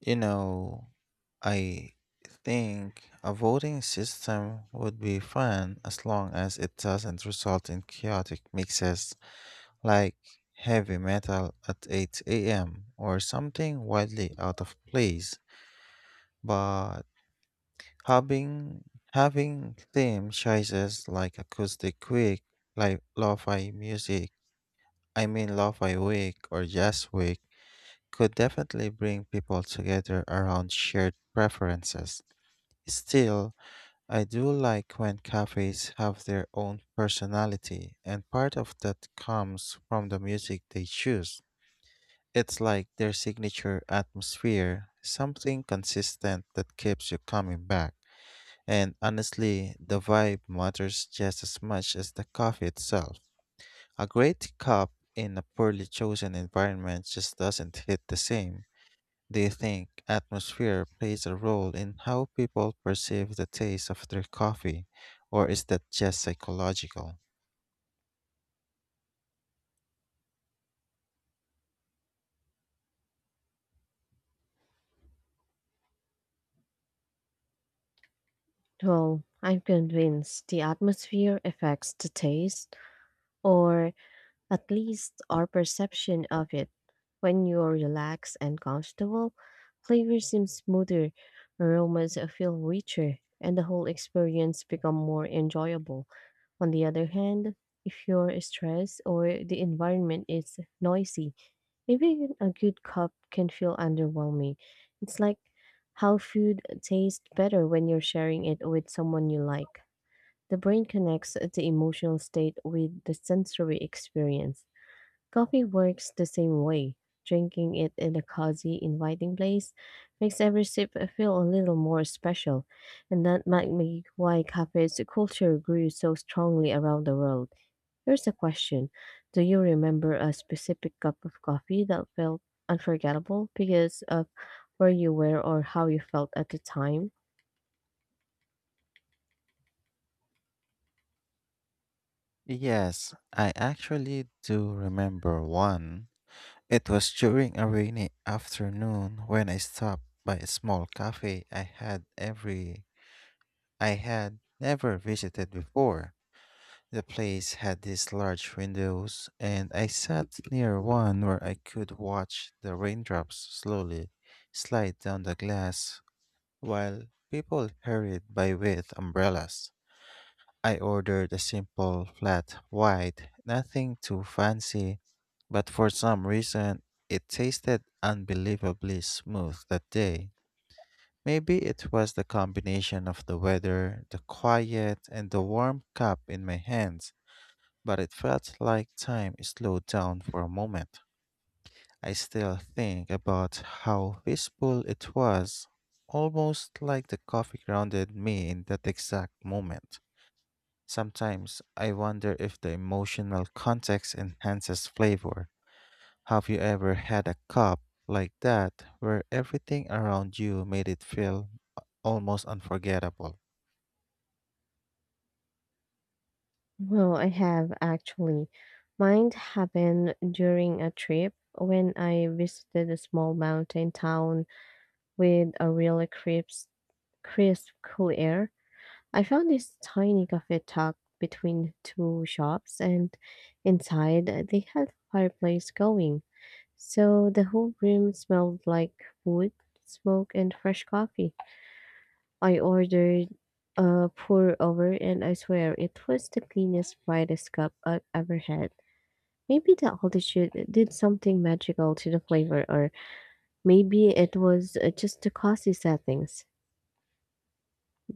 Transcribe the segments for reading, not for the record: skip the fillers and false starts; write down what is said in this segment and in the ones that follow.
You know, I think a voting system would be fun as long as it doesn't result in chaotic mixes like heavy metal at 8 a.m. or something wildly out of place. But having having theme choices like acoustic week, like lo-fi music, I mean lo-fi week or jazz week could definitely bring people together around shared preferences. Still, I do like when cafes have their own personality, and part of that comes from the music they choose. It's like their signature atmosphere, something consistent that keeps you coming back. And honestly, the vibe matters just as much as the coffee itself. A great cup in a poorly chosen environment just doesn't hit the same. Do you think atmosphere plays a role in how people perceive the taste of their coffee, or is that just psychological? Well, I'm convinced the atmosphere affects the taste, or at least our perception of it. When you're relaxed and comfortable, flavors seem smoother, aromas feel richer, and the whole experience become more enjoyable. On the other hand, if you're stressed or the environment is noisy, even a good cup can feel underwhelming. It's like how food tastes better when you're sharing it with someone you like. The brain connects the emotional state with the sensory experience. Coffee works the same way. Drinking it in a cozy, inviting place makes every sip feel a little more special, and that might make why cafes culture grew so strongly around the world. Here's a question. Do you remember a specific cup of coffee that felt unforgettable because of where you were or how you felt at the time? Yes, I actually do remember one. It was during a rainy afternoon when I stopped by a small cafe I had never visited before. The place had these large windows, and I sat near one where I could watch the raindrops slowly slide down the glass while people hurried by with umbrellas. I ordered a simple flat white, nothing too fancy, but for some reason it tasted unbelievably smooth that day. Maybe it was the combination of the weather, the quiet, and the warm cup in my hands but it felt like time slowed down for a moment. I still think about how peaceful it was, almost like the coffee grounded me in that exact moment. Sometimes I wonder if the emotional context enhances flavor. Have you ever had a cup like that where everything around you made it feel almost unforgettable? Well, I have actually. Mine happened during a trip when I visited a small mountain town with a really crisp, cool air. I found this tiny cafe tucked between two shops, and inside they had a fireplace going. So the whole room smelled like wood, smoke, and fresh coffee. I ordered a pour over, and I swear it was the cleanest, brightest cup I've ever had. Maybe the altitude did something magical to the flavor, or maybe it was just the cozy settings.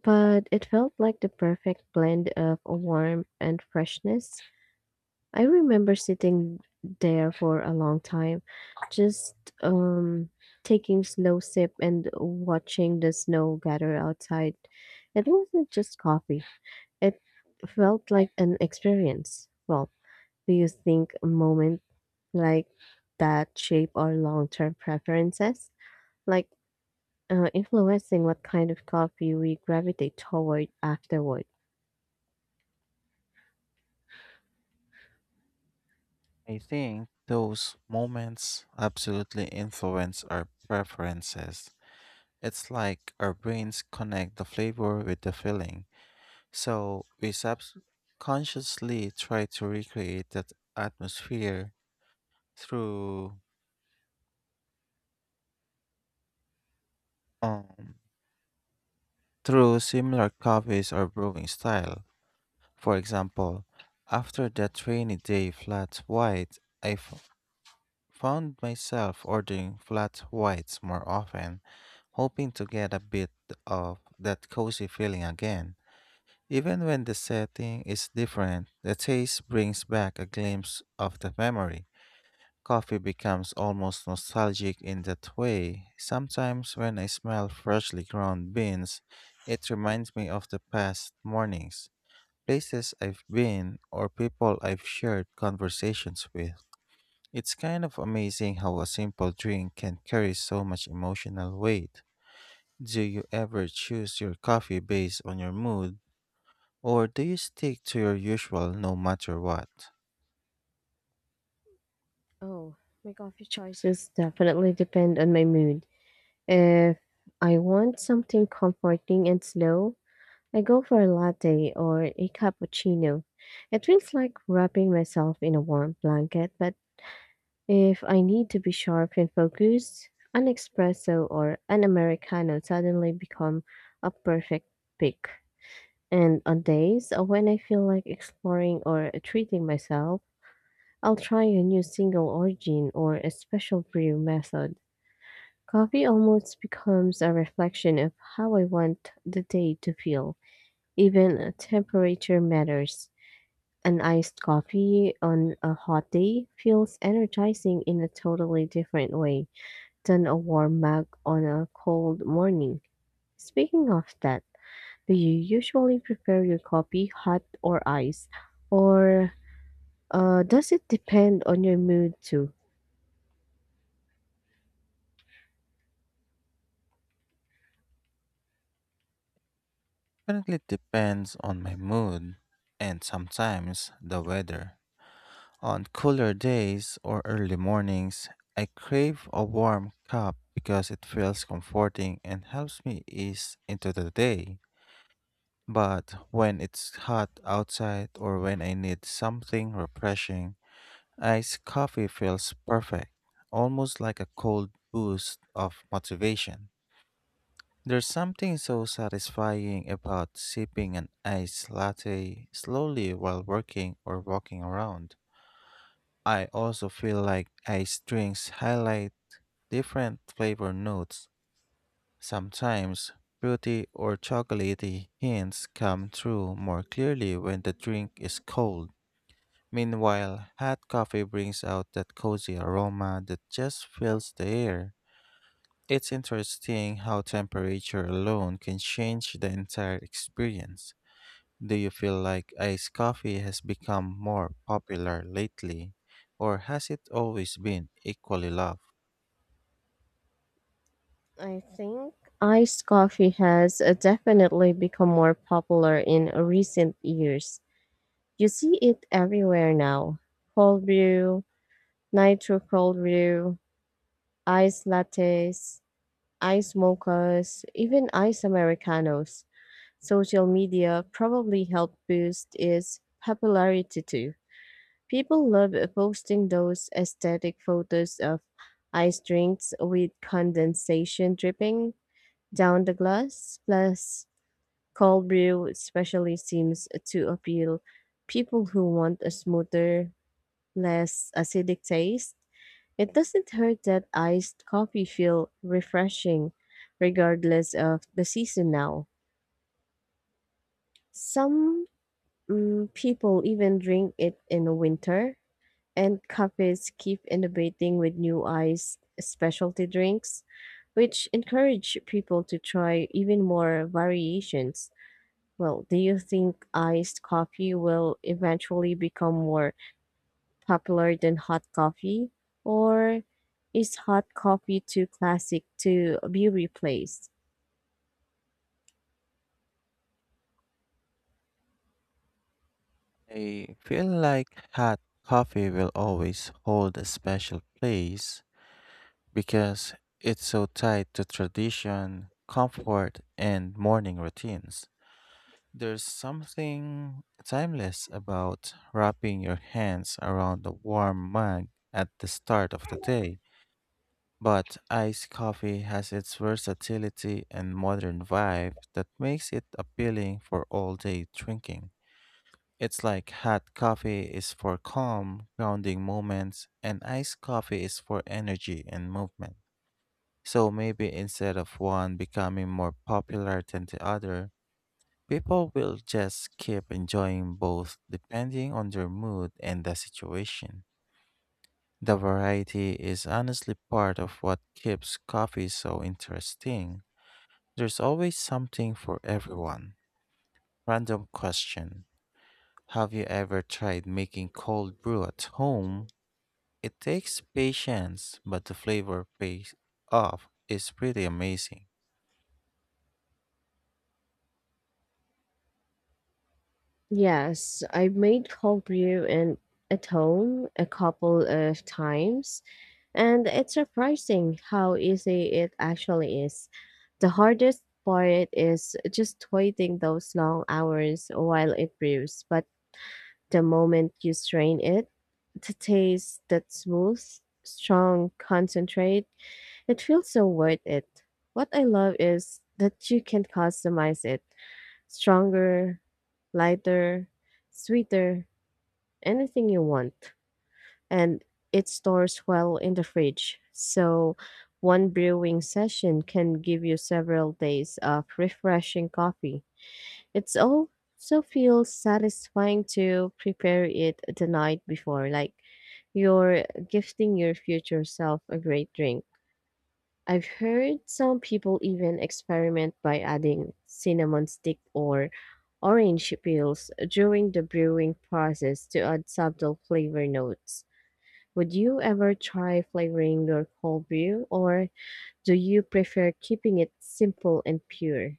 But it felt like the perfect blend of warmth and freshness. I remember sitting there for a long time, just um, taking slow sip and watching the snow gather outside. It wasn't just coffee. It felt like an experience. Well, do you think moments like that shape our long-term preferences, like influencing what kind of coffee we gravitate toward afterward? I think those moments absolutely influence our preferences. It's like our brains connect the flavor with the feeling, so we subconsciously try to recreate that atmosphere through um through similar coffees or brewing style. For example, after that rainy day flat white, found myself ordering flat whites more often, hoping to get a bit of that cozy feeling again. Even when the setting is different, the taste brings back a glimpse of the memory. Coffee becomes almost nostalgic in that way. Sometimes when I smell freshly ground beans, it reminds me of the past mornings, places I've been, or people I've shared conversations with. It's kind of amazing how a simple drink can carry so much emotional weight. Do you ever choose your coffee based on your mood or do you stick to your usual no matter what? Oh, my coffee choices definitely depend on my mood. If I want something comforting and slow, I go for a latte or a cappuccino. It feels like wrapping myself in a warm blanket, but if I need to be sharp and focused, an espresso or an Americano suddenly become a perfect pick. And on days when I feel like exploring or treating myself, I'll try a new single origin or a special brew method. Coffee almost becomes a reflection of how I want the day to feel. Even temperature matters. An iced coffee on a hot day feels energizing in a totally different way than a warm mug on a cold morning. Speaking of that, do you usually prepare your coffee hot or iced, or does it depend on your mood too? Currently it depends on my mood and sometimes the weather. On cooler days or early mornings, I crave a warm cup because it feels comforting and helps me ease into the day. But when it's hot outside or when I need something refreshing, iced coffee feels perfect, almost like a cold boost of motivation. There's something so satisfying about sipping an iced latte slowly while working or walking around. I also feel like iced drinks highlight different flavor notes. Sometimes fruity or chocolatey hints come through more clearly when the drink is cold. Meanwhile, hot coffee brings out that cozy aroma that just fills the air. It's interesting how temperature alone can change the entire experience. Do you feel like iced coffee has become more popular lately, or has it always been equally loved? I think iced coffee has definitely become more popular in recent years. You see it everywhere now. Cold brew, nitro cold brew, iced lattes, iced mochas, even iced Americanos. Social media probably helped boost its popularity too. People love posting those aesthetic photos of ice drinks with condensation dripping down the glass, plus cold brew especially seems to appeal people who want a smoother, less acidic taste. It doesn't hurt that iced coffee feel refreshing regardless of the season now. Some People even drink it in the winter, and cafes keep innovating with new ice specialty drinks, which encourage people to try even more variations. Well, do you think iced coffee will eventually become more popular than hot coffee? Or is hot coffee too classic to be replaced? I feel like hot coffee will always hold a special place because it's so tied to tradition, comfort, and morning routines. There's something timeless about wrapping your hands around a warm mug at the start of the day, but iced coffee has its versatility and modern vibe that makes it appealing for all day drinking. It's like hot coffee is for calm, grounding moments, and iced coffee is for energy and movement. So maybe instead of one becoming more popular than the other, people will just keep enjoying both depending on their mood and the situation. The variety is honestly part of what keeps coffee so interesting. There's always something for everyone. Random question: have you ever tried making cold brew at home? It takes patience, but the flavor pays off is pretty amazing. Yes, I've made cold brew and at home a couple of times. And it's surprising how easy it actually is. The hardest part is just waiting those long hours while it brews, but the moment you strain it, the taste that smooth, strong concentrate, it feels so worth it. What I love is that you can customize it, stronger, lighter, sweeter, anything you want, and it stores well in the fridge. So, one brewing session can give you several days of refreshing coffee. It's also feels satisfying to prepare it the night before, like you're gifting your future self a great drink. I've heard some people even experiment by adding cinnamon stick or orange peels during the brewing process to add subtle flavor notes. Would you ever try flavoring your cold brew, or do you prefer keeping it simple and pure?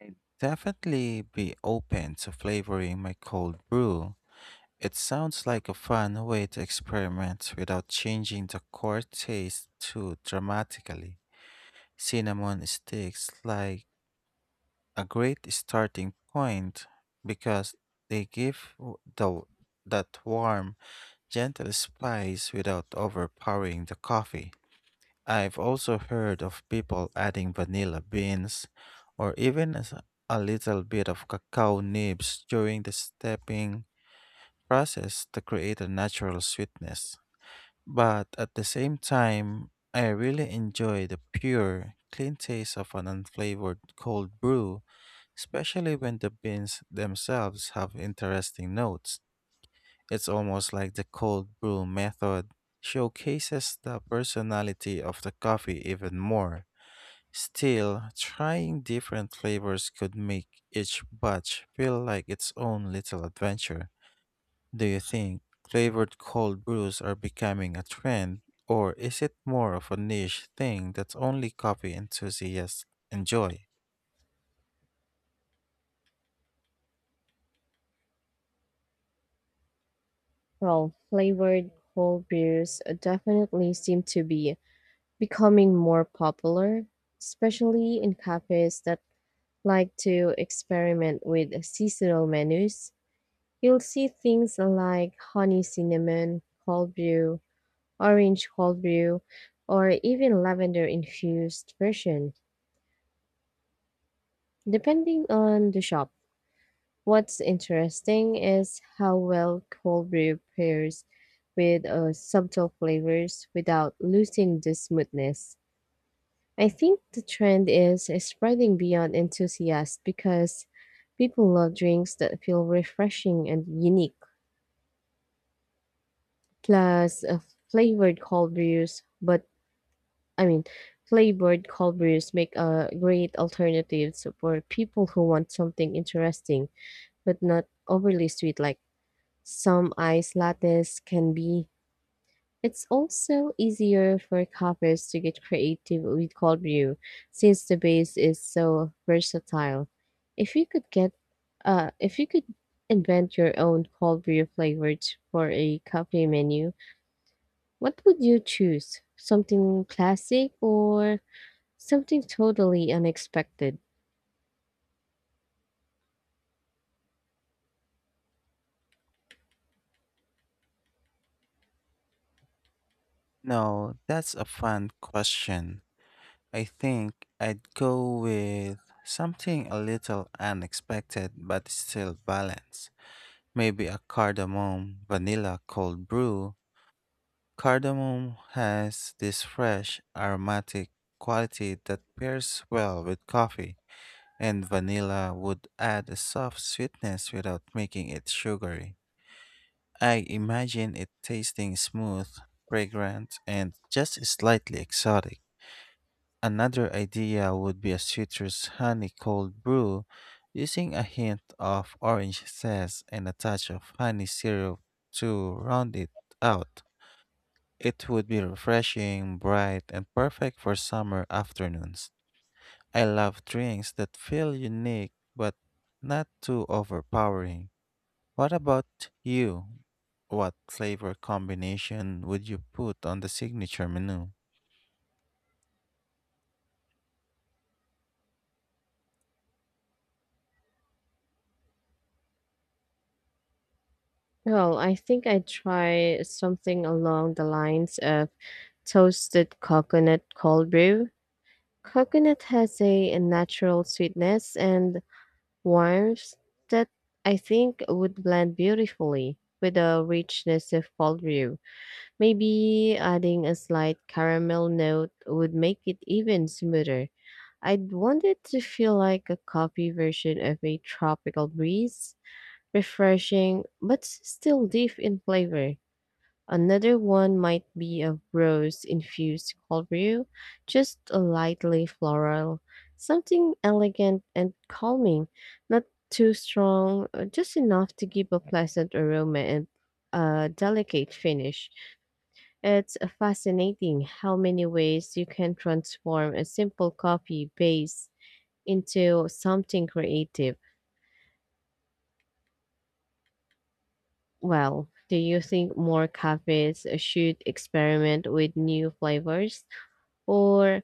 I'd definitely be open to flavoring my cold brew. It sounds like a fun way to experiment without changing the core taste too dramatically. Cinnamon sticks like a great starting point because they give the that warm, gentle spice without overpowering the coffee. I've also heard of people adding vanilla beans or even as a little bit of cacao nibs during the steeping process to create a natural sweetness. But at the same time, I really enjoy the pure, clean taste of an unflavored cold brew, especially when the beans themselves have interesting notes. It's almost like the cold brew method showcases the personality of the coffee even more. Still, trying different flavors could make each batch feel like its own little adventure. Do you think flavored cold brews are becoming a trend, or is it more of a niche thing that only coffee enthusiasts enjoy? Well, flavored cold brews definitely seem to be becoming more popular, especially in cafes that like to experiment with seasonal menus. You'll see things like honey cinnamon cold brew, orange cold brew, or even lavender infused version, depending on the shop. What's interesting is how well cold brew pairs with subtle flavors without losing the smoothness. I think the trend is spreading beyond enthusiasts because people love drinks that feel refreshing and unique. Plus, flavored cold brews, but I mean, flavored cold brews make a great alternative for people who want something interesting but not overly sweet like some ice lattes can be. It's also easier for covers to get creative with cold brew since the base is so versatile. If you could get if you could invent your own cold brew flavors for a cafe menu, what would you choose? Something classic or something totally unexpected? No, that's a fun question. I think I'd go with something a little unexpected but still balanced. Maybe a cardamom vanilla cold brew. Cardamom has this fresh aromatic quality that pairs well with coffee and vanilla would add a soft sweetness without making it sugary. I imagine it tasting smooth, fragrant, and just slightly exotic. Another idea would be a citrus honey cold brew using a hint of orange zest and a touch of honey syrup to round it out. It would be refreshing, bright, and perfect for summer afternoons. I love drinks that feel unique but not too overpowering. What about you? What flavor combination would you put on the signature menu? Well, I think I'd try something along the lines of toasted coconut cold brew. Coconut has a natural sweetness and warmth that I think would blend beautifully with the richness of Fallview. Maybe adding a slight caramel note would make it even smoother. I'd want it to feel like a coffee version of a tropical breeze, refreshing but still deep in flavor. Another one might be a rose infused cold brew, just a lightly floral, something elegant and calming, not too strong, just enough to give a pleasant aroma and a delicate finish. It's fascinating how many ways you can transform a simple coffee base into something creative. Well, do you think more cafes should experiment with new flavors? Or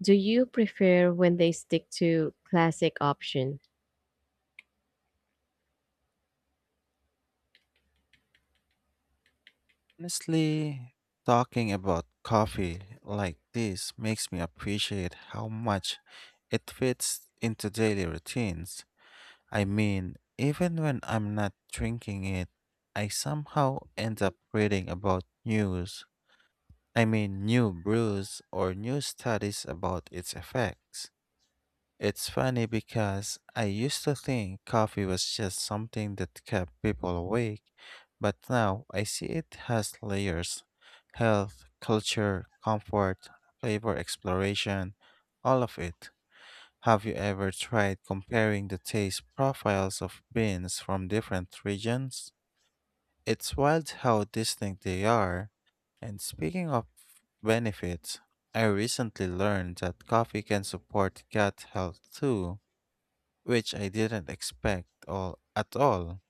do you prefer when they stick to classic option? Honestly, talking about coffee like this makes me appreciate how much it fits into daily routines. I mean, even when I'm not drinking it, I somehow end up reading about new brews or new studies about its effects. It's funny because I used to think coffee was just something that kept people awake, but now I see it has layers: health, culture, comfort, flavor exploration, all of it. Have you ever tried comparing the taste profiles of beans from different regions? It's wild how distinct they are. And speaking of benefits, I recently learned that coffee can support gut health too, which I didn't expect all at all.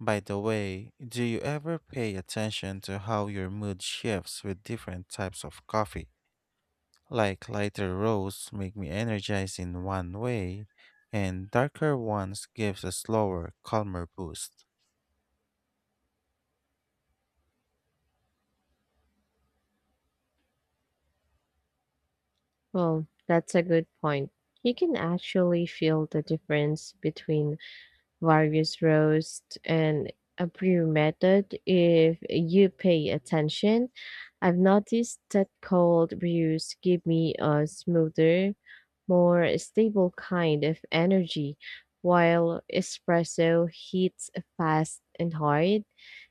By the way, do you ever pay attention to how your mood shifts with different types of coffee? Like lighter roasts make me energized in one way, and darker ones gives a slower, calmer boost. Well, that's a good point. You can actually feel the difference between various roast and a brew method if you pay attention. I've noticed that cold brews give me a smoother, more stable kind of energy, while espresso heats fast and hard.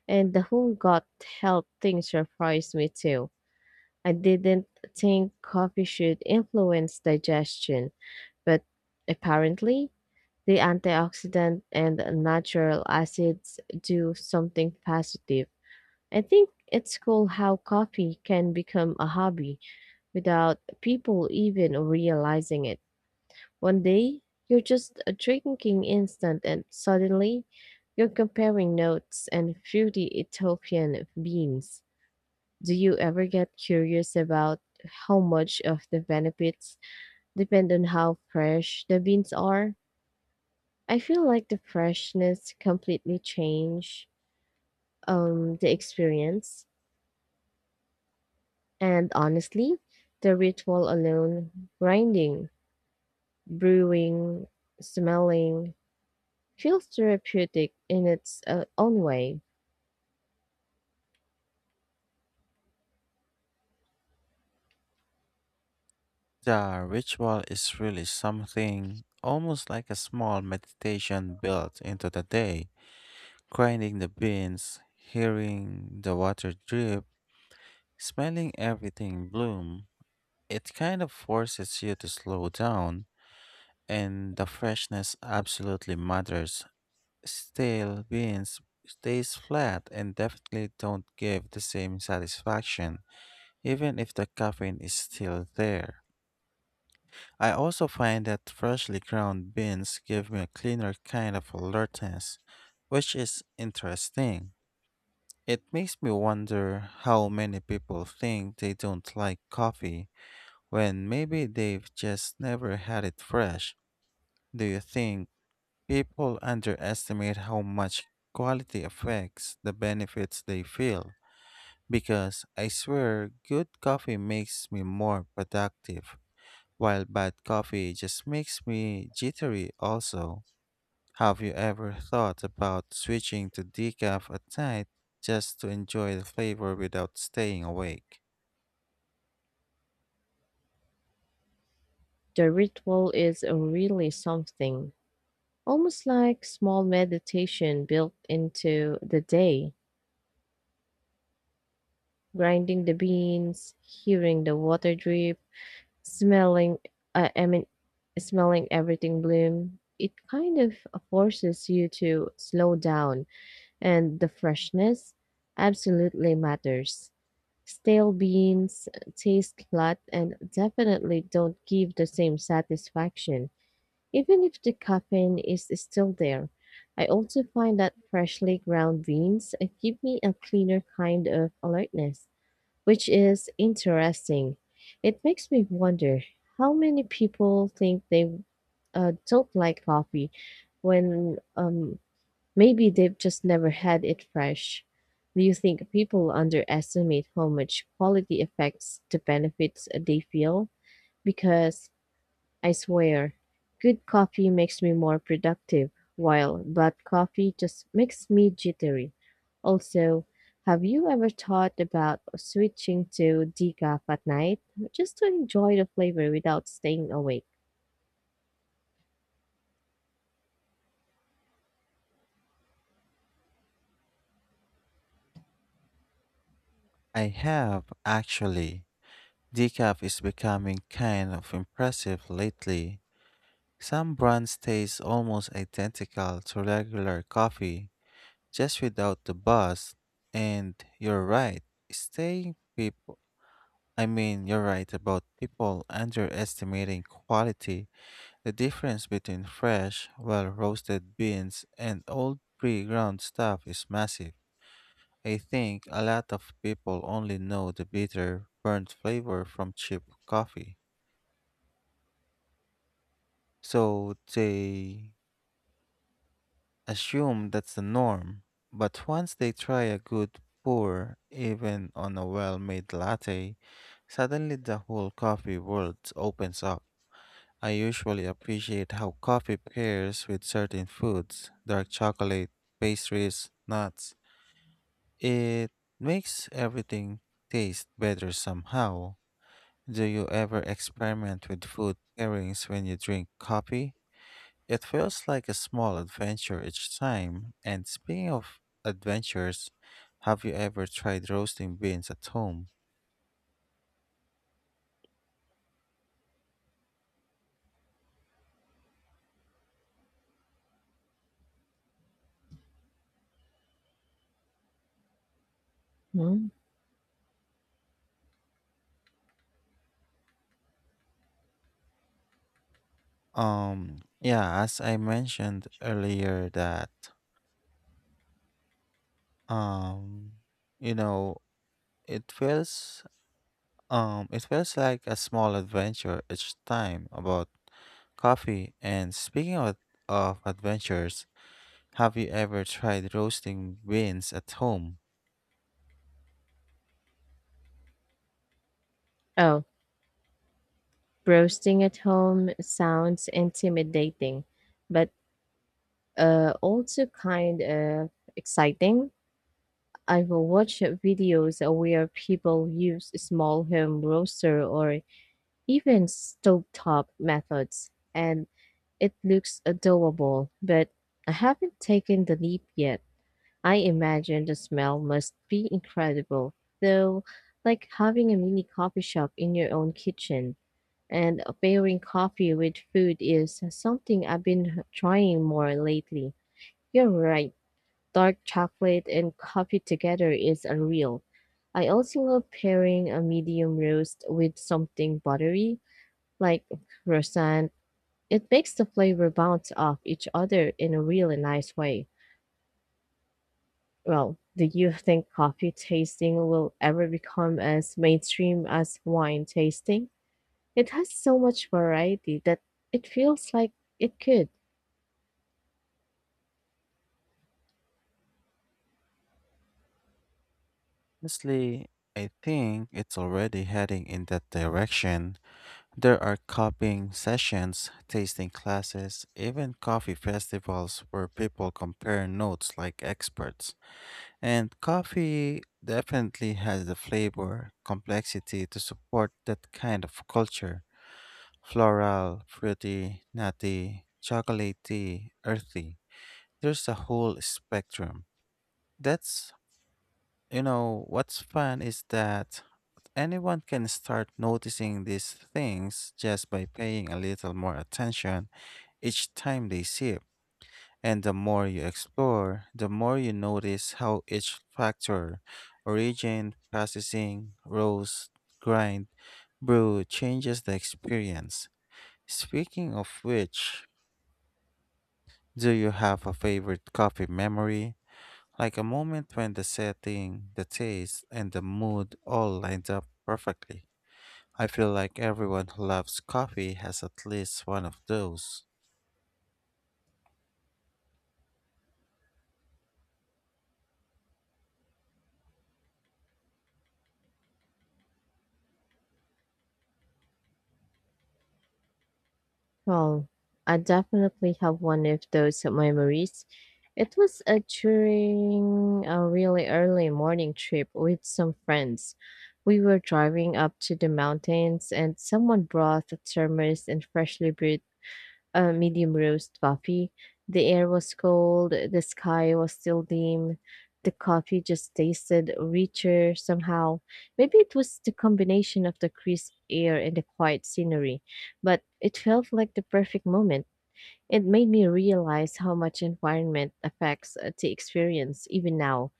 And the whole gut health thing surprised me too. I didn't think coffee should influence digestion, but apparently, the antioxidant and natural acids do something positive. I think it's cool how coffee can become a hobby without people even realizing it. One day, you're just drinking instant, and suddenly, you're comparing notes and fruity Ethiopian beans. Do you ever get curious about how much of the benefits depend on how fresh the beans are? I feel like the freshness completely change the experience. And honestly, the ritual alone, grinding, brewing, smelling, feels therapeutic in its own way. The ritual is really something, almost like a small meditation built into the day. Grinding the beans, hearing the water drip, smelling everything bloom. It kind of forces you to slow down, and the freshness absolutely matters. Stale beans stays flat and definitely don't give the same satisfaction, even if the caffeine is still there. I also find that freshly ground beans give me a cleaner kind of alertness, which is interesting. It makes me wonder how many people think they don't like coffee when maybe they've just never had it fresh. Do you think people underestimate how much quality affects the benefits they feel? Because I swear, good coffee makes me more productive. While bad coffee just makes me jittery also. Have you ever thought about switching to decaf at night just to enjoy the flavor without staying awake? The ritual is really something, almost like small meditation built into the day. Grinding the beans, hearing the water drip, smelling, uh, I mean, smelling everything bloom. It kind of forces you to slow down, and the freshness absolutely matters. Stale beans taste flat and definitely don't give the same satisfaction, even if the caffeine is still there. I also find that freshly ground beans give me a cleaner kind of alertness, which is interesting. It makes me wonder how many people think they don't like coffee when maybe they've just never had it fresh. Do you think people underestimate how much quality affects the benefits they feel? Because I swear, good coffee makes me more productive, while bad coffee just makes me jittery. Also, have you ever thought about switching to decaf at night just to enjoy the flavor without staying awake? I have, actually. Decaf is becoming kind of impressive lately. Some brands taste almost identical to regular coffee, just without the buzz. And you're right, staying people I mean, you're right about people underestimating quality. The difference between fresh, well roasted beans and old pre ground stuff is massive. I think a lot of people only know the bitter, burnt flavor from cheap coffee. So they assume that's the norm. But once they try a good pour, even on a well made latte, suddenly the whole coffee world opens up. I usually appreciate how coffee pairs with certain foods: dark chocolate, pastries, nuts. It makes everything taste better somehow. Do you ever experiment with food pairings when you drink coffee? It feels like a small adventure each time. And speaking of adventures, have you ever tried roasting beans at home? Hmm? Yeah, as I mentioned earlier that um you know It feels it feels like a small adventure each time about coffee and speaking of adventures, have you ever tried roasting beans at home? Oh, roasting at home sounds intimidating, but also kind of exciting. I've watched videos where people use small home roaster or even stovetop methods, and it looks adorable, but I haven't taken the leap yet. I imagine the smell must be incredible, though, like having a mini coffee shop in your own kitchen. And pairing coffee with food is something I've been trying more lately. You're right. Dark chocolate and coffee together is unreal. I also love pairing a medium roast with something buttery, like croissant. It makes the flavor bounce off each other in a really nice way. Well, do you think coffee tasting will ever become as mainstream as wine tasting? It has so much variety that it feels like it could. Honestly, I think it's already heading in that direction. There are copying sessions, tasting classes, even coffee festivals where people compare notes like experts. And coffee definitely has the flavor complexity to support that kind of culture. Floral, fruity, nutty, chocolatey, earthy. There's a whole spectrum. That's, what's fun is that anyone can start noticing these things just by paying a little more attention each time they sip. And the more you explore, the more you notice how each factor — origin, processing, roast, grind, brew — changes the experience. Speaking of which, do you have a favorite coffee memory? Like a moment when the setting, the taste, and the mood all lined up perfectly. I feel like everyone who loves coffee has at least one of those. Well, I definitely have one of those memories. It was a during a really early morning trip with some friends. We were driving up to the mountains and someone brought a thermos and freshly brewed a medium roast coffee. The air was cold, the sky was still dim. The coffee just tasted richer somehow. Maybe it was the combination of the crisp air and the quiet scenery, but it felt like the perfect moment. It made me realize how much environment affects the experience even now.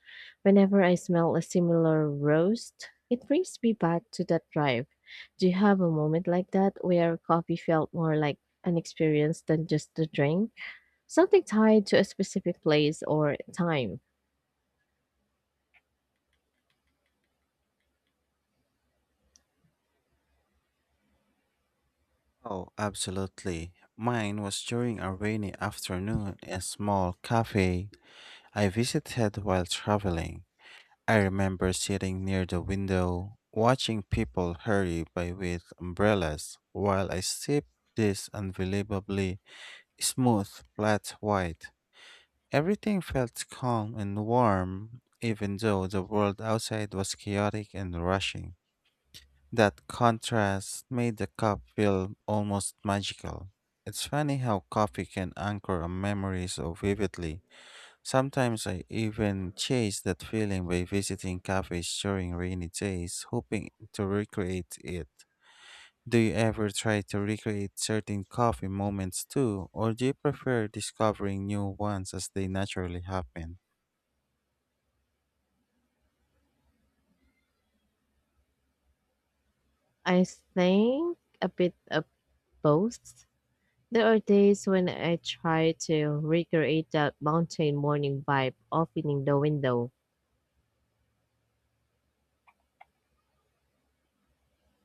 Whenever I smell a similar roast, it brings me back to that drive. Do you have a moment like that where coffee felt more like an experience than just a drink? Something tied to a specific place or time? Oh, absolutely. Mine was during a rainy afternoon in a small cafe I visited while traveling. I remember sitting near the window, watching people hurry by with umbrellas while I sipped this unbelievably smooth, flat white. Everything felt calm and warm, even though the world outside was chaotic and rushing. That contrast made the cup feel almost magical. It's funny how coffee can anchor a memory so vividly. Sometimes I even chase that feeling by visiting cafes during rainy days, hoping to recreate it. Do you ever try to recreate certain coffee moments too, or do you prefer discovering new ones as they naturally happen? I think a bit of both. There are days when I try to recreate that mountain morning vibe, opening the window